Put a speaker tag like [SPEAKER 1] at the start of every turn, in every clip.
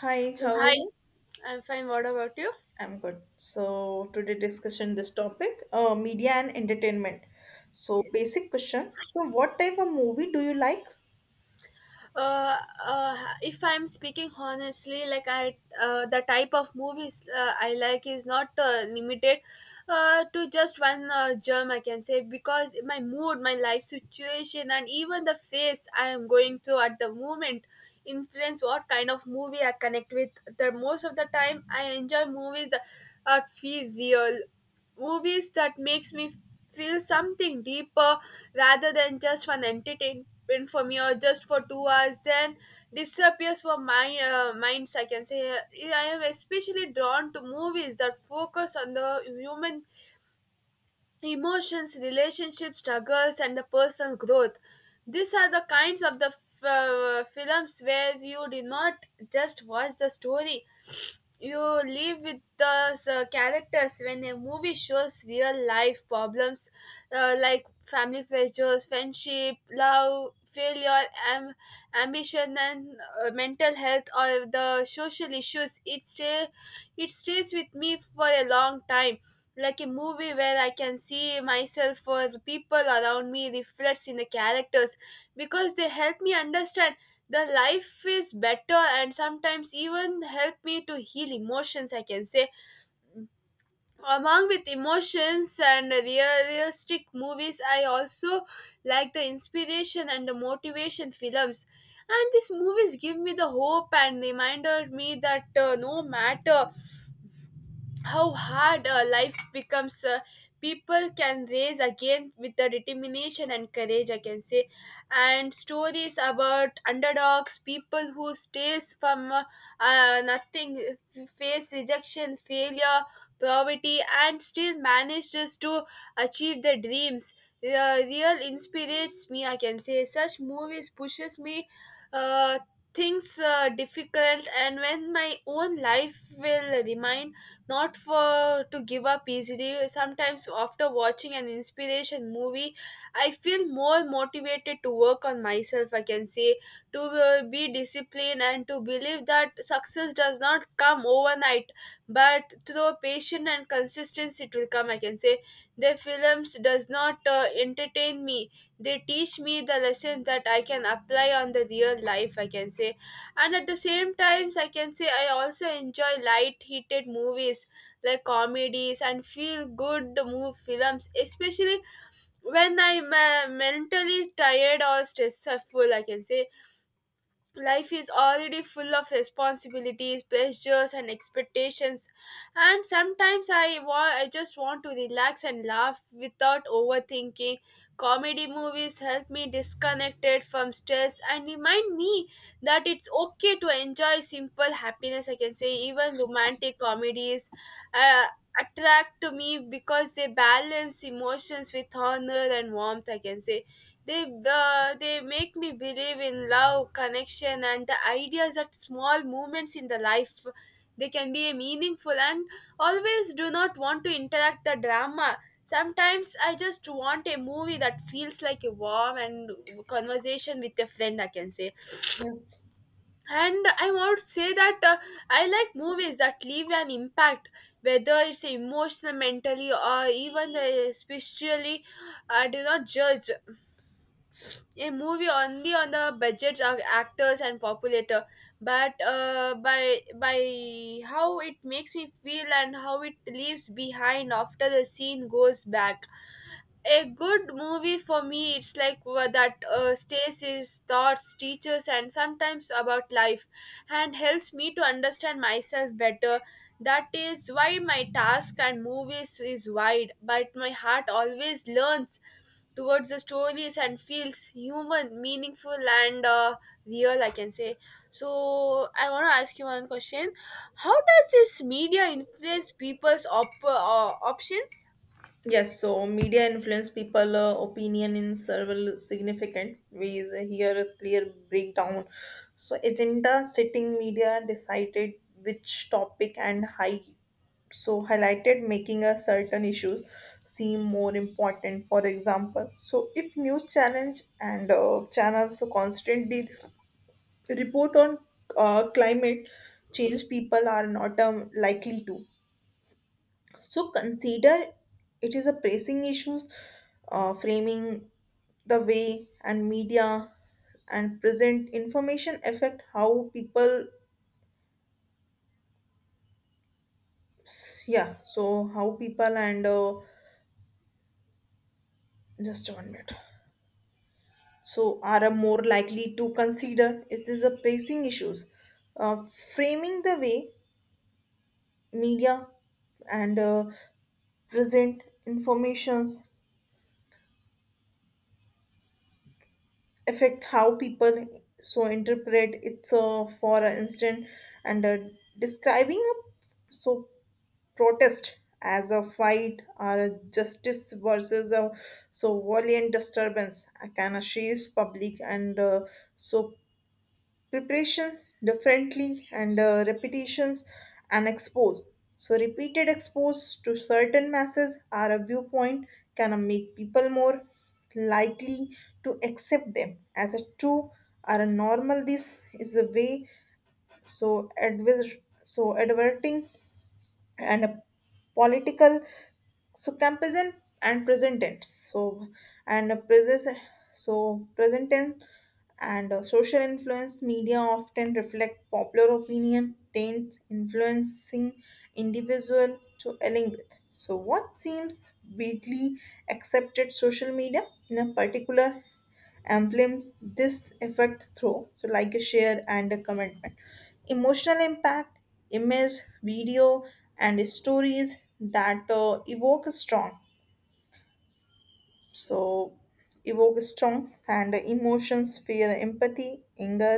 [SPEAKER 1] Hi,
[SPEAKER 2] So,
[SPEAKER 1] how are
[SPEAKER 2] hi,
[SPEAKER 1] you?
[SPEAKER 2] I'm fine. What about you?
[SPEAKER 1] I'm good. So today discussion this topic, media and entertainment. So basic question. So what type of movie do you like?
[SPEAKER 2] Uh, uh, if I'm speaking honestly, the type of movies I like is not limited to just one germ, I can say, because my mood, my life situation, and even the phase I am going through at the moment influence what kind of movie I connect with. The most of the time, I enjoy movies that feel real, movies that makes me feel something deeper rather than just for an entertainment for me or just for 2 hours then disappears for my minds, I can say. Yeah, I am especially drawn to movies that focus on the human emotions, relationships, struggles, and the personal growth. These are the kinds of the films where you do not just watch the story, you live with the characters. When a movie shows real life problems, like family pressures, friendship, love, failure, am- ambition, and mental health, or the social issues, it stays with me for a long time, like a movie where I can see myself or the people around me reflects in the characters, because they help me understand the life is better and sometimes even help me to heal emotions, I can say. Among with emotions and realistic movies, I also like the inspiration and the motivation films, and these movies give me the hope and reminded me that no matter how hard life becomes, people can raise again with the determination and courage, I can say. And stories about underdogs, people who stays from nothing, face rejection, failure, poverty, and still manages to achieve their dreams, real inspirates me, I can say. Such movies pushes me uh, things difficult and when my own life will remind not for to give up easily. Sometimes after watching an inspiration movie, I feel more motivated to work on myself, I can say, to be disciplined and to believe that success does not come overnight, but through patience and consistency, it will come, I can say. Their films does not entertain me. They teach me the lessons that I can apply on the real life, I can say. And at the same times, I can say, I also enjoy light heated movies like comedies and feel good move films, especially when I'm mentally tired or stressful, I can say. Life is already full of responsibilities, pressures, and expectations, and sometimes I just want to relax and laugh without overthinking. Comedy movies help me disconnected from stress and remind me that it's okay to enjoy simple happiness, I can say. Even romantic comedies uh, attract to me because they balance emotions with honor and warmth, I can say. They make me believe in love, connection, and the ideas that small moments in the life, they can be meaningful, and always do not want to interact the drama. Sometimes I just want a movie that feels like a warm and conversation with a friend, I can say,
[SPEAKER 1] Yes.
[SPEAKER 2] and I want to say that I like movies that leave an impact, whether it's emotional, mentally, or even spiritually. I do not judge a movie only on the budgets of actors and populator, but by how it makes me feel and how it leaves behind after the scene goes back. A good movie for me, it's like that stays his thoughts, teaches, and sometimes about life, and helps me to understand myself better. That is why my task and movies is wide, but my heart always learns towards the stories and feels human, meaningful, and real, I can say. So I want to ask you one question: how does this media influence people's options?
[SPEAKER 1] Yes, so media influence people opinion in several significant ways. Here a clear breakdown. So agenda setting media decided which topic and high so highlighted making a certain issues seem more important. For example, so if news challenge and channels so constantly report on climate change, people are not likely to. So consider it is a pressing issues, framing the way and media and present information affect how people, yeah, so how people and just one minute. So are a more likely to consider it is a pressing issues, uh, framing the way media and present informations affect how people so interpret it. So, for instance, and describing a so protest as a fight or a justice versus a so violent disturbance can shape public and so preparations differently and repetitions and expose so repeated expose to certain masses are a viewpoint can make people more likely to accept them as a true or a normal this is a way so so adverting and a political so comparison and present tense so and a present so present tense and social influence media often reflect popular opinion tends influencing individual to align with so what seems widely accepted social media in a particular amplifies this effect through so like a share and a commitment emotional impact image video and stories that evoke a strong so evoke strong and emotions fear empathy anger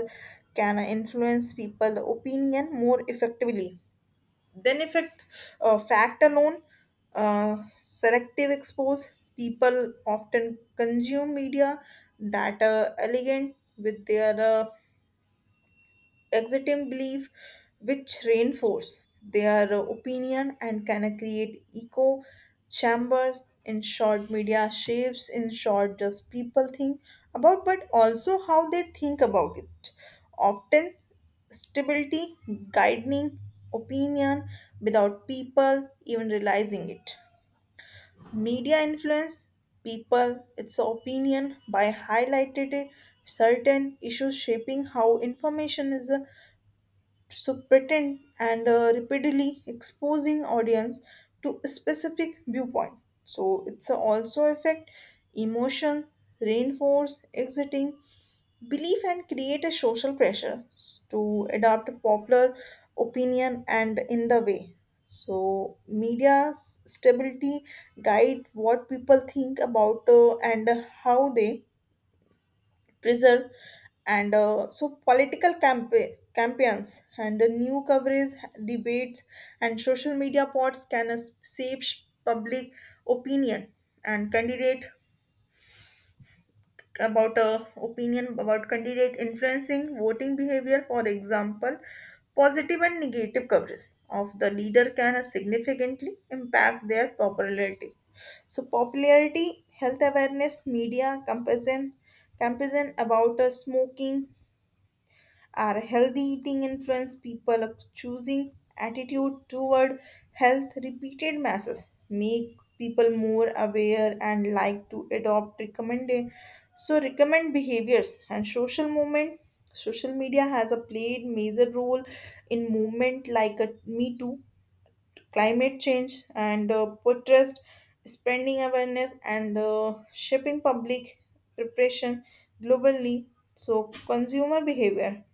[SPEAKER 1] can influence people opinion more effectively then, effect, it fact alone, selective expose, people often consume media that are elegant with their extreme belief which reinforce their opinion and can create echo chambers in short media shapes in short just people think about but also how they think about it often stability guiding opinion without people even realizing it media influence people its opinion by highlighted it, certain issues shaping how information is so pretend and repeatedly exposing audience to a specific viewpoint so it's also affect emotion reinforce exiting belief and create a social pressure to adopt a popular opinion and in the way so media's stability guide what people think about and how they preserve and so political campaigns and new coverage debates and social media pods can shape public opinion and candidate about opinion about candidate influencing voting behavior for example positive and negative coverage of the leader can significantly impact their popularity so popularity health awareness media campaign campaign about smoking Our healthy eating influence people of choosing attitude toward health repeated masses make people more aware and like to adopt recommended so recommend behaviors and social movement social media has a played major role in movement like a me too climate change and protest spreading awareness and shaping public preparation globally so consumer behavior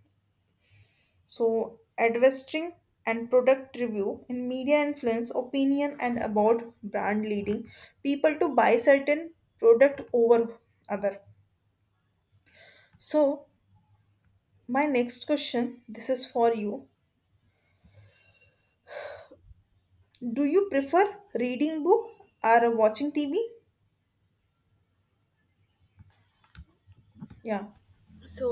[SPEAKER 1] so, advertising and product review and media influence opinion and about brand leading people to buy certain product over other. So, my next question, this is for you. Do you prefer reading book or watching TV? Yeah.
[SPEAKER 2] So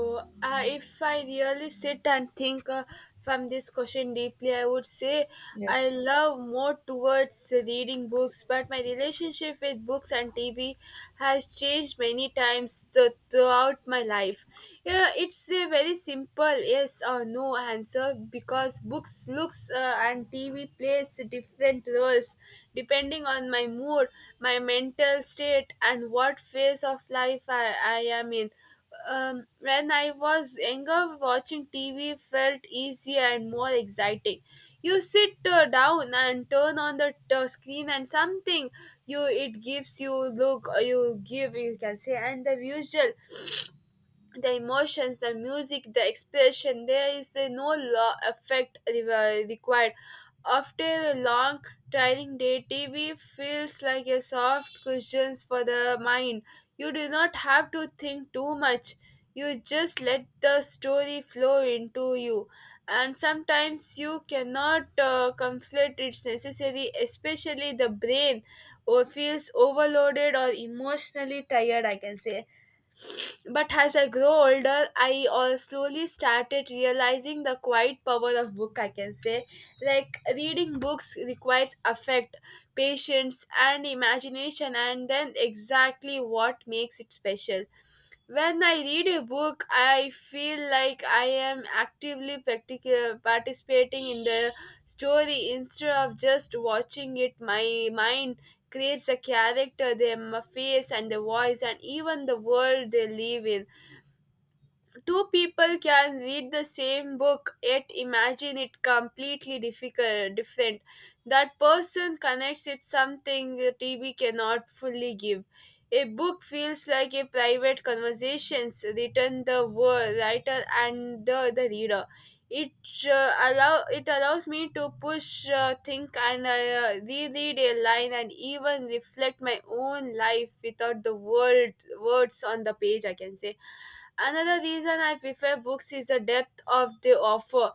[SPEAKER 2] if I really sit and think from this question deeply, I would say I
[SPEAKER 1] Yes.
[SPEAKER 2] love more towards reading books, but my relationship with books and TV has changed many times throughout my life. Yeah, it's a very simple yes or no answer, because books looks and TV plays different roles depending on my mood, my mental state, and what phase of life I am in. Um, when I was younger, watching TV felt easier and more exciting. You sit down and turn on the screen, and something you it gives you look you give, you can say, and the visual, the emotions, the music, the expression, there is no law effect required. After a long tiring day, TV feels like a soft cushion for the mind. You do not have to think too much, you just let the story flow into you, and sometimes you cannot conflict it's necessary, especially the brain or feels overloaded or emotionally tired, I can say. But as I grow older, I slowly started realizing the quiet power of book, I can say. Like reading books requires affect, patience, and imagination, and then exactly what makes it special. When I read a book, I feel like I am actively participating in the story instead of just watching it. My mind creates the character, their face, and the voice, and even the world they live in. Two people can read the same book yet imagine it completely difficult, different. That person connects it something the TV cannot fully give. A book feels like a private conversations written the word, writer, and the reader. It it allows me to push, think, and reread a line, and even reflect my own life without the world, words on the page, I can say. Another reason I prefer books is the depth of the offer.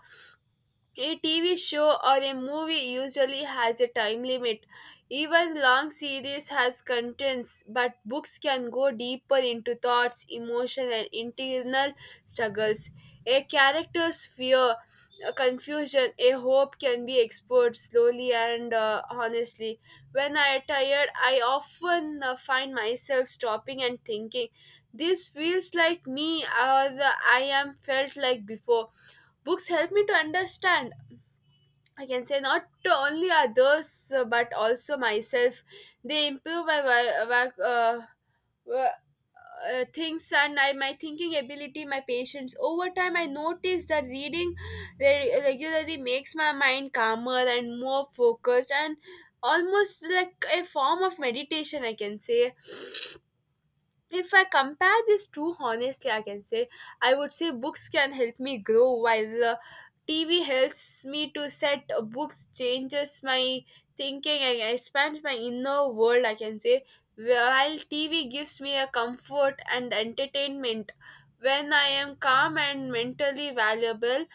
[SPEAKER 2] A TV show or a movie usually has a time limit. Even long series has contents, but books can go deeper into thoughts, emotion, and internal struggles. A character's fear, a confusion, a hope can be explored slowly and honestly. When I am tired, I often find myself stopping and thinking, this feels like me or the I am felt like before. Books help me to understand, I can say, not only others but also myself. They improve my work, wo- things and I, my thinking ability, my patience. Over time, I noticed that reading regularly makes my mind calmer and more focused, and almost like a form of meditation, I can say. If I compare these two honestly, I can say, I would say books can help me grow while TV helps me to set books, changes my thinking and expands my inner world, I can say, while TV gives me a comfort and entertainment when I am calm and mentally valuable.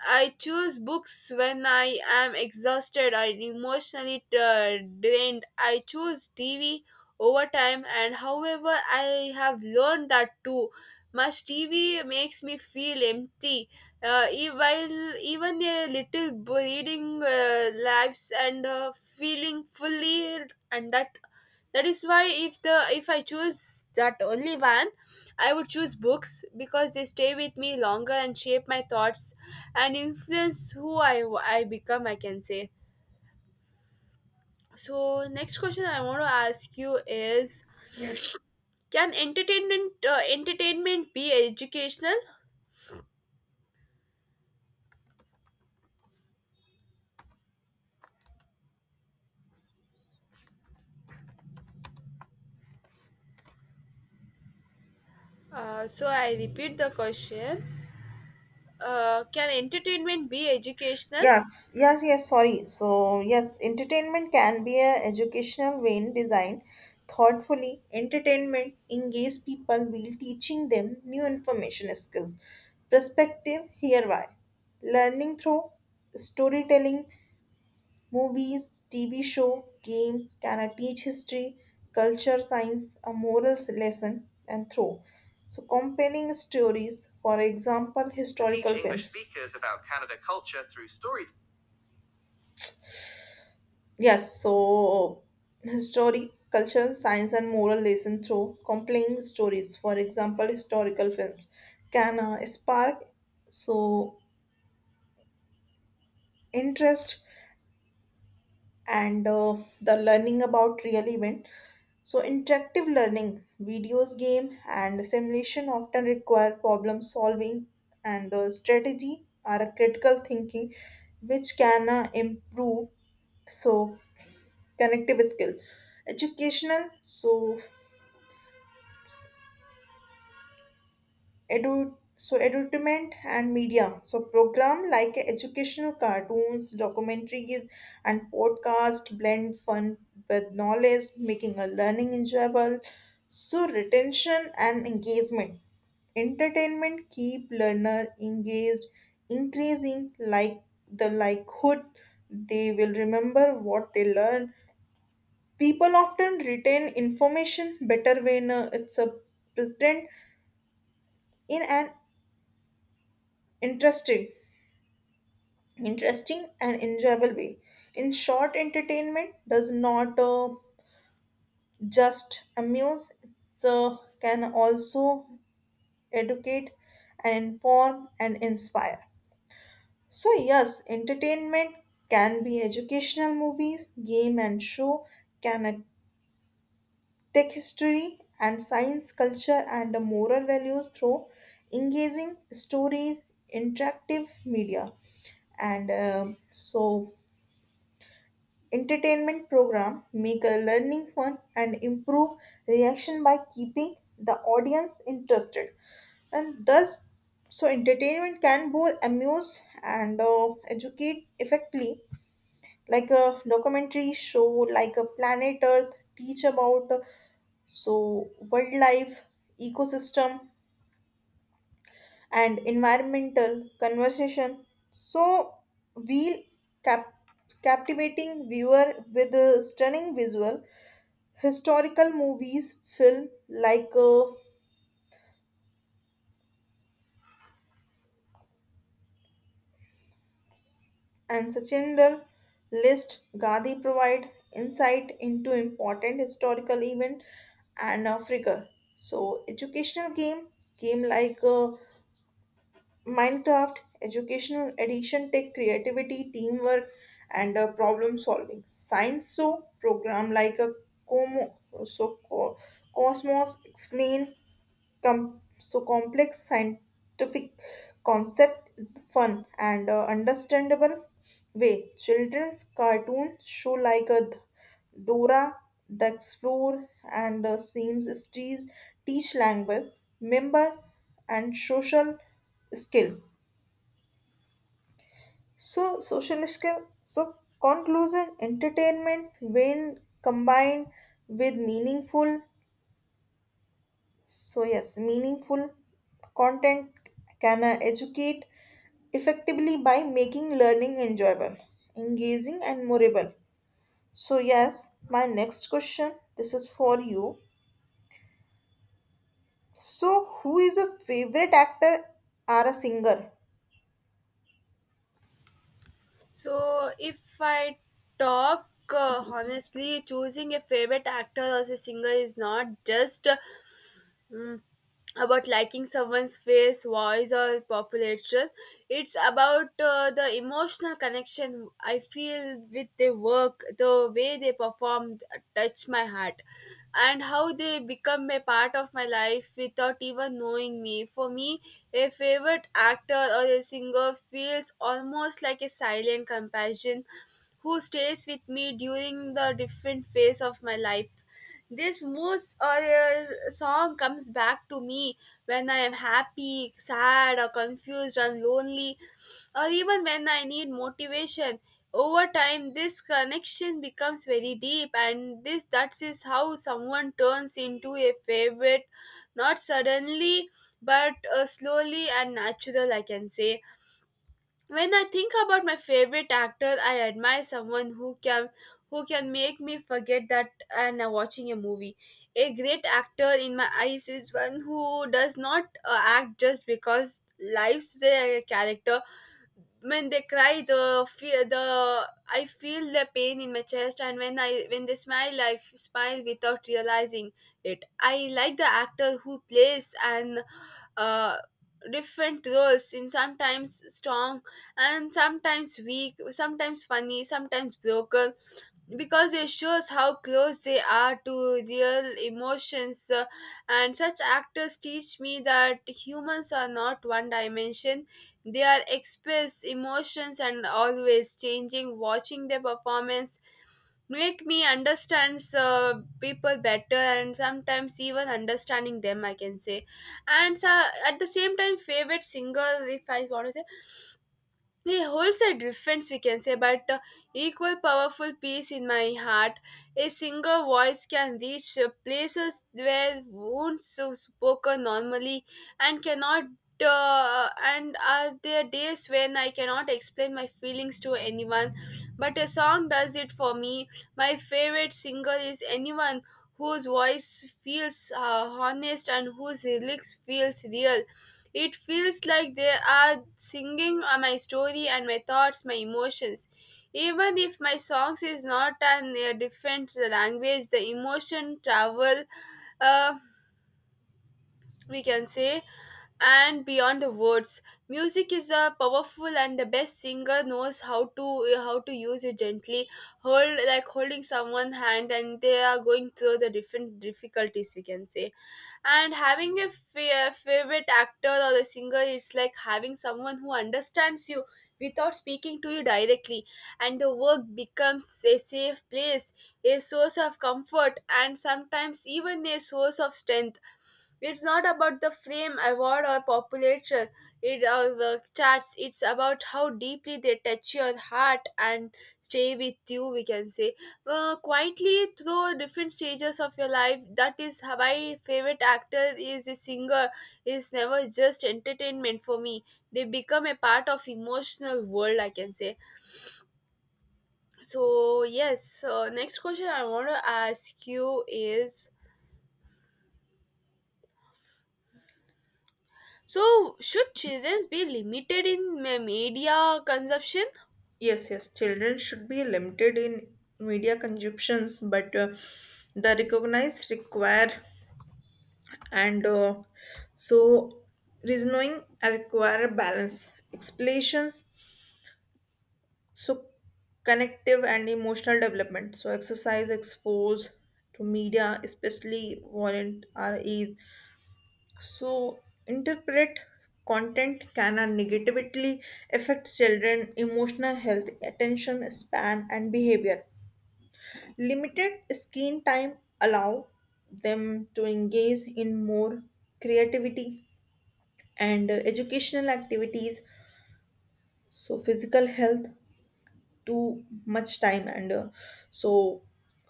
[SPEAKER 2] I choose books when I am exhausted or emotionally drained. I choose TV over time, and however, I have learned that too much TV makes me feel empty. While even a little reading lives and feeling fully, and that is why if I choose that only one, I would choose books because they stay with me longer and shape my thoughts and influence who I become, I can say. So next question I want to ask you is, can entertainment entertainment be educational? So I repeat the question: can entertainment be educational?
[SPEAKER 1] Yes, yes, yes, sorry. So, yes, entertainment can be a educational vein designed thoughtfully. Entertainment engage people while teaching them new information skills. Perspective, here why. Learning through storytelling, movies, TV show, games can I teach history, culture, science, a morals lesson, and through. So, compelling stories, for example, historical Teaching films. Yes, so historic, culture, science, and moral lesson through compelling stories. For example, historical films can spark so interest and the learning about real event. So interactive learning, videos, game, and simulation often require problem solving and strategy or a critical thinking, which can improve so connective skill educational so edu so edutainment and media so program like educational cartoons documentaries and podcast blend fun with knowledge making a learning enjoyable so retention and engagement entertainment keep learner engaged increasing like the likelihood they will remember what they learn people often retain information better when it's a present in an interested interesting and enjoyable way. In short, entertainment does not just amuse, it can also educate and inform and inspire. So, yes, entertainment can be educational movies, game and show, can tech history and science, culture, and the moral values through engaging stories, interactive media and so entertainment program make a learning fun and improve reaction by keeping the audience interested and thus so entertainment can both amuse and educate effectively like a documentary show like a planet earth teach about so wildlife ecosystem and environmental conversation so we cap- captivating viewer with a stunning visual historical movies film like and Sachinder's list Gandhi provide insight into important historical event and figure. So educational game game like Minecraft educational addiction take creativity teamwork and problem solving. Science show program like a Como so Cosmos explain so complex scientific concept fun and understandable way children's cartoons show like a dora the explorer and seems trees teach language member and skill social skill so conclusion entertainment when combined with meaningful So, yes, meaningful content can educate effectively by making learning enjoyable, engaging, and memorable. So, yes, my next question this is for you. So, who is a favorite actor or a singer?
[SPEAKER 2] So, if I talk
[SPEAKER 1] Yes,
[SPEAKER 2] honestly, choosing a favorite actor as a singer is not just mm, about liking someone's face, voice, or population. It's about the emotional connection I feel with their work, the way they performed touched my heart, and how they become a part of my life without even knowing me. For me, a favorite actor or a singer feels almost like a silent companion who stays with me during the different phase of my life. This moose or a song comes back to me when I am happy, sad, or confused, or lonely, or even when I need motivation. Over time, this connection becomes very deep, and this that is how someone turns into a favorite, not suddenly, but slowly and natural, I can say. When I think about my favorite actor, I admire someone who can make me forget that I'm watching a movie. A great actor in my eyes is one who does not act just because lives their character. When they cry the fear, the I feel the pain in my chest, and when I when they smile I smile without realizing it. I like the actor who plays and uh, different roles in sometimes strong and sometimes weak, sometimes funny, sometimes broken, because it shows how close they are to real emotions. And such actors teach me that humans are not one dimension, they are express emotions and always changing. Watching their performance make me understand people better, and sometimes even understanding them, I can say. And at the same time, favorite singer, if I want to say, they holds a difference, we can say, but equal powerful peace in my heart. A single voice can reach places where wounds are spoken normally and cannot. And are there days when I cannot explain my feelings to anyone, but a song does it for me. My favorite singer is anyone whose voice feels honest and whose lyrics feels real. It feels like they are singing my story and my thoughts, my emotions. Even if my songs is not an a different language, the emotion travel. Uh, we can say, and beyond the words, music is a powerful, and the best singer knows how to use it gently, hold like holding someone's hand and they are going through the different difficulties, we can say. And having a favorite actor or the singer is like having someone who understands you without speaking to you directly, and the work becomes a safe place, a source of comfort and sometimes even a source of strength. It's not about the fame, award, or popularity, it, or the charts. It's about how deeply they touch your heart and stay with you, we can say. Quietly through different stages of your life. That is how my favorite actor is a singer. Is never just entertainment for me. They become a part of emotional world, I can say. So yes, so next question I want to ask you is, so, should children be limited in media consumption?
[SPEAKER 1] yes, yes, children should be limited in media consumptions, but the recognized require and so reasoning require balance explanations so connective and emotional development so exercise exposed to media especially violent REs so interpret content can negatively affect children emotional health attention span and behavior limited screen time allow them to engage in more creativity and educational activities so physical health too much time and so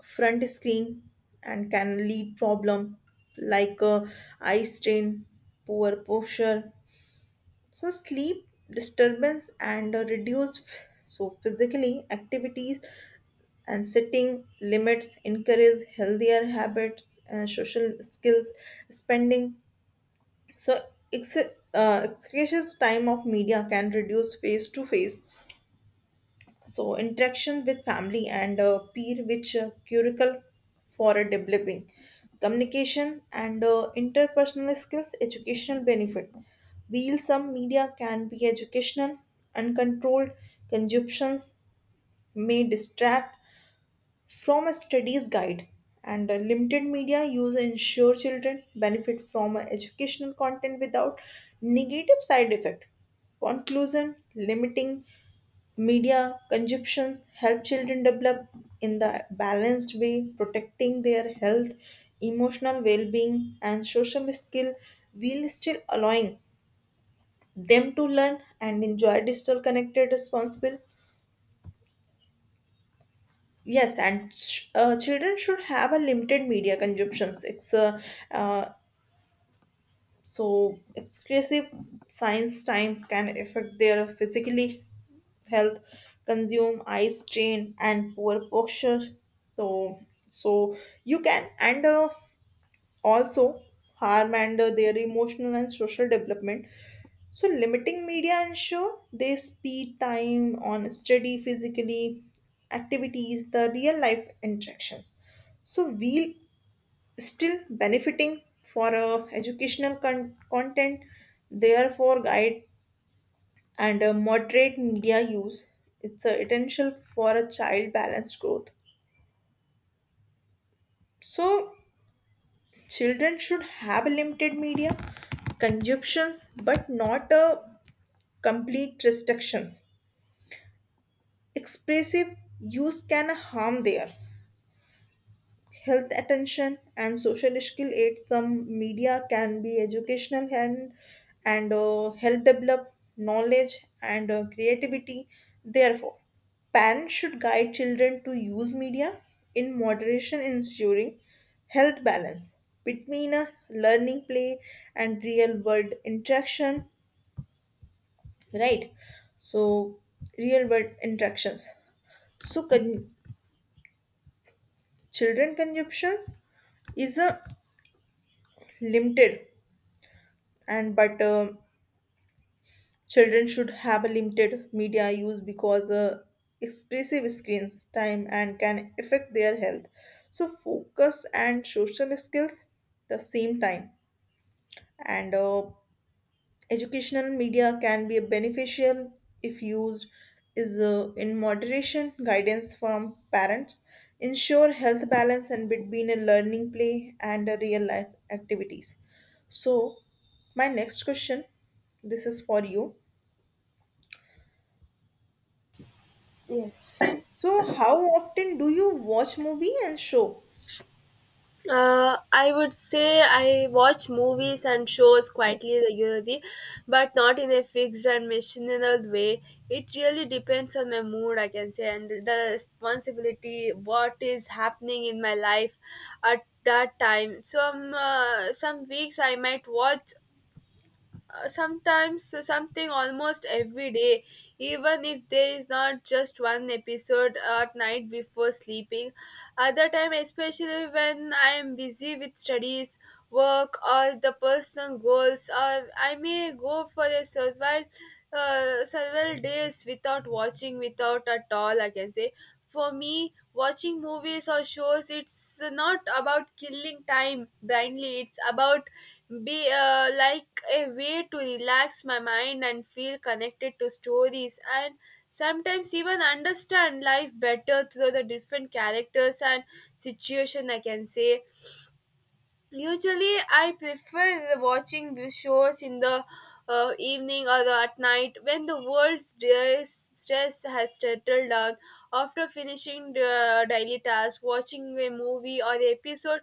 [SPEAKER 1] front screen and can lead problem like eye strain poor posture so sleep disturbance and reduce so physically activities and setting limits encourage healthier habits and social skills spending So, ex- excessive time of media can reduce face to face so interaction with family and peer, which curricle for a developing communication and interpersonal skills, educational benefit. While some media can be educational, uncontrolled consumptions may distract from a studies guide and a limited media use ensure children benefit from a educational content without negative side effect conclusion limiting media consumptions help children develop in the balanced way protecting their health emotional well-being and social skill while still allowing them to learn and enjoy digital connected responsible Yes, and children should have a limited media consumptions. It's uh, so exclusive science time can affect their physically health, consume eye strain and poor posture. So so you can and also harm and their emotional and social development. So limiting media ensure they speed time on steady physically activities, the real life interactions. So we'll still benefiting for educational content, therefore guide and moderate media use. It's essential for a child balanced growth. So Children should have limited media consumptions but not a complete restrictions. Expressive use can harm there. Health attention and social skill aid some media can be educational and help develop knowledge and creativity therefore parents should guide children to use media in moderation ensuring health balance between a learning play and real world interaction right so real world interactions so children consumptions is a limited and but children should have a limited media use because expressive screens time and can affect their health so focus and social skills the same time and educational media can be beneficial if used is in moderation guidance from parents ensure health balance and between a learning play and a real life activities so my next question this is for you
[SPEAKER 2] Yes.
[SPEAKER 1] So, how often do you watch movie and show?
[SPEAKER 2] I would say I watch movies and shows quietly regularly, but not in a fixed and machinal way. It really depends on my mood, I can say, and the responsibility, what is happening in my life at that time. Some weeks I might watch sometimes something almost every day, even if there is not just one episode at night before sleeping. Other time, especially when I am busy with studies, work, or the personal goals, or I may go for a several days without watching without at all, I can say. For me, watching movies or shows, it's not about killing time blindly. It's about be like a way to relax my mind and feel connected to stories and sometimes even understand life better through the different characters and situation, I can say. Usually, I prefer the watching the shows in the evening or at night when the world's stress has settled down. After finishing the daily task, watching a movie or the episode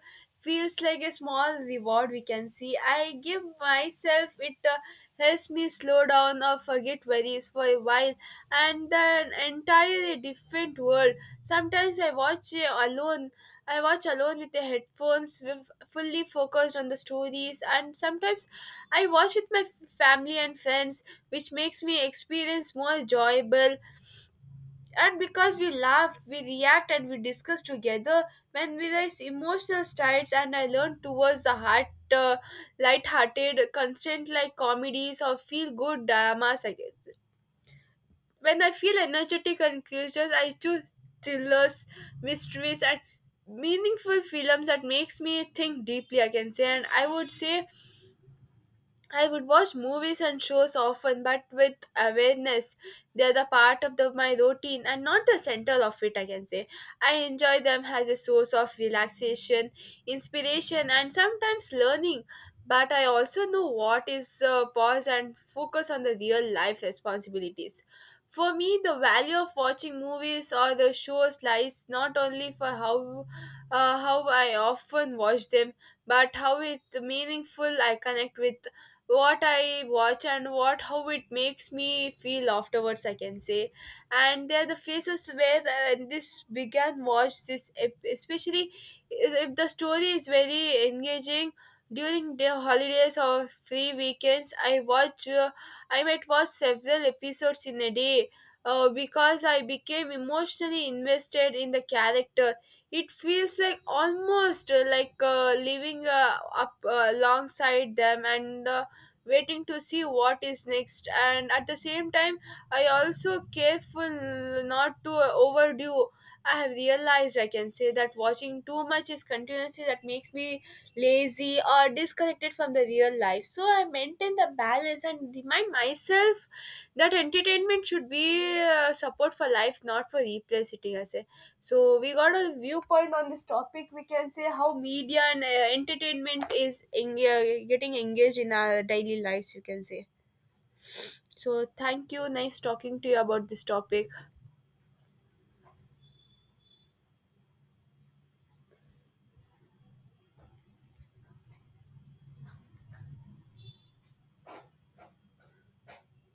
[SPEAKER 2] feels like a small reward, we can see. I give myself it helps me slow down or forget worries for a while and then entirely different world. Sometimes I watch it alone, I watch alone with the headphones, with fully focused on the stories, and sometimes I watch with my family and friends, which makes me experience more enjoyable. And because we laugh, we react, and we discuss together, when we raise emotional strides, and I learn towards the heart. Uh, Light-hearted content like comedies or feel-good dramas, I guess. When I feel energetic and curious, I choose thrillers, mysteries, and meaningful films that makes me think deeply, I can say. And I would say I would watch movies and shows often, but with awareness. They're the part of the, my routine and not the center of it, I can say. I enjoy them as a source of relaxation, inspiration, and sometimes learning. But I also know what is pause and focus on the real life responsibilities. For me, the value of watching movies or the shows lies not only for how I often watch them, but how it meaningful I connect with what I watch and what how it makes me feel afterwards, I can say. And they are the faces where this began watch this especially if the story is very engaging. During the holidays or free weekends, I might watch several episodes in a day, because I became emotionally invested in the character. It feels like almost like living up alongside them, and waiting to see what is next. And at the same time, I also careful not to overdo. I have realized, I can say, that watching too much is continuously that makes me lazy or disconnected from the real life, so I maintain the balance and remind myself that entertainment should be support for life, not for replacing us. So we got a viewpoint on this topic, we can say, how media and entertainment is getting engaged in our daily lives, you can say. So thank you, nice talking to you about this topic.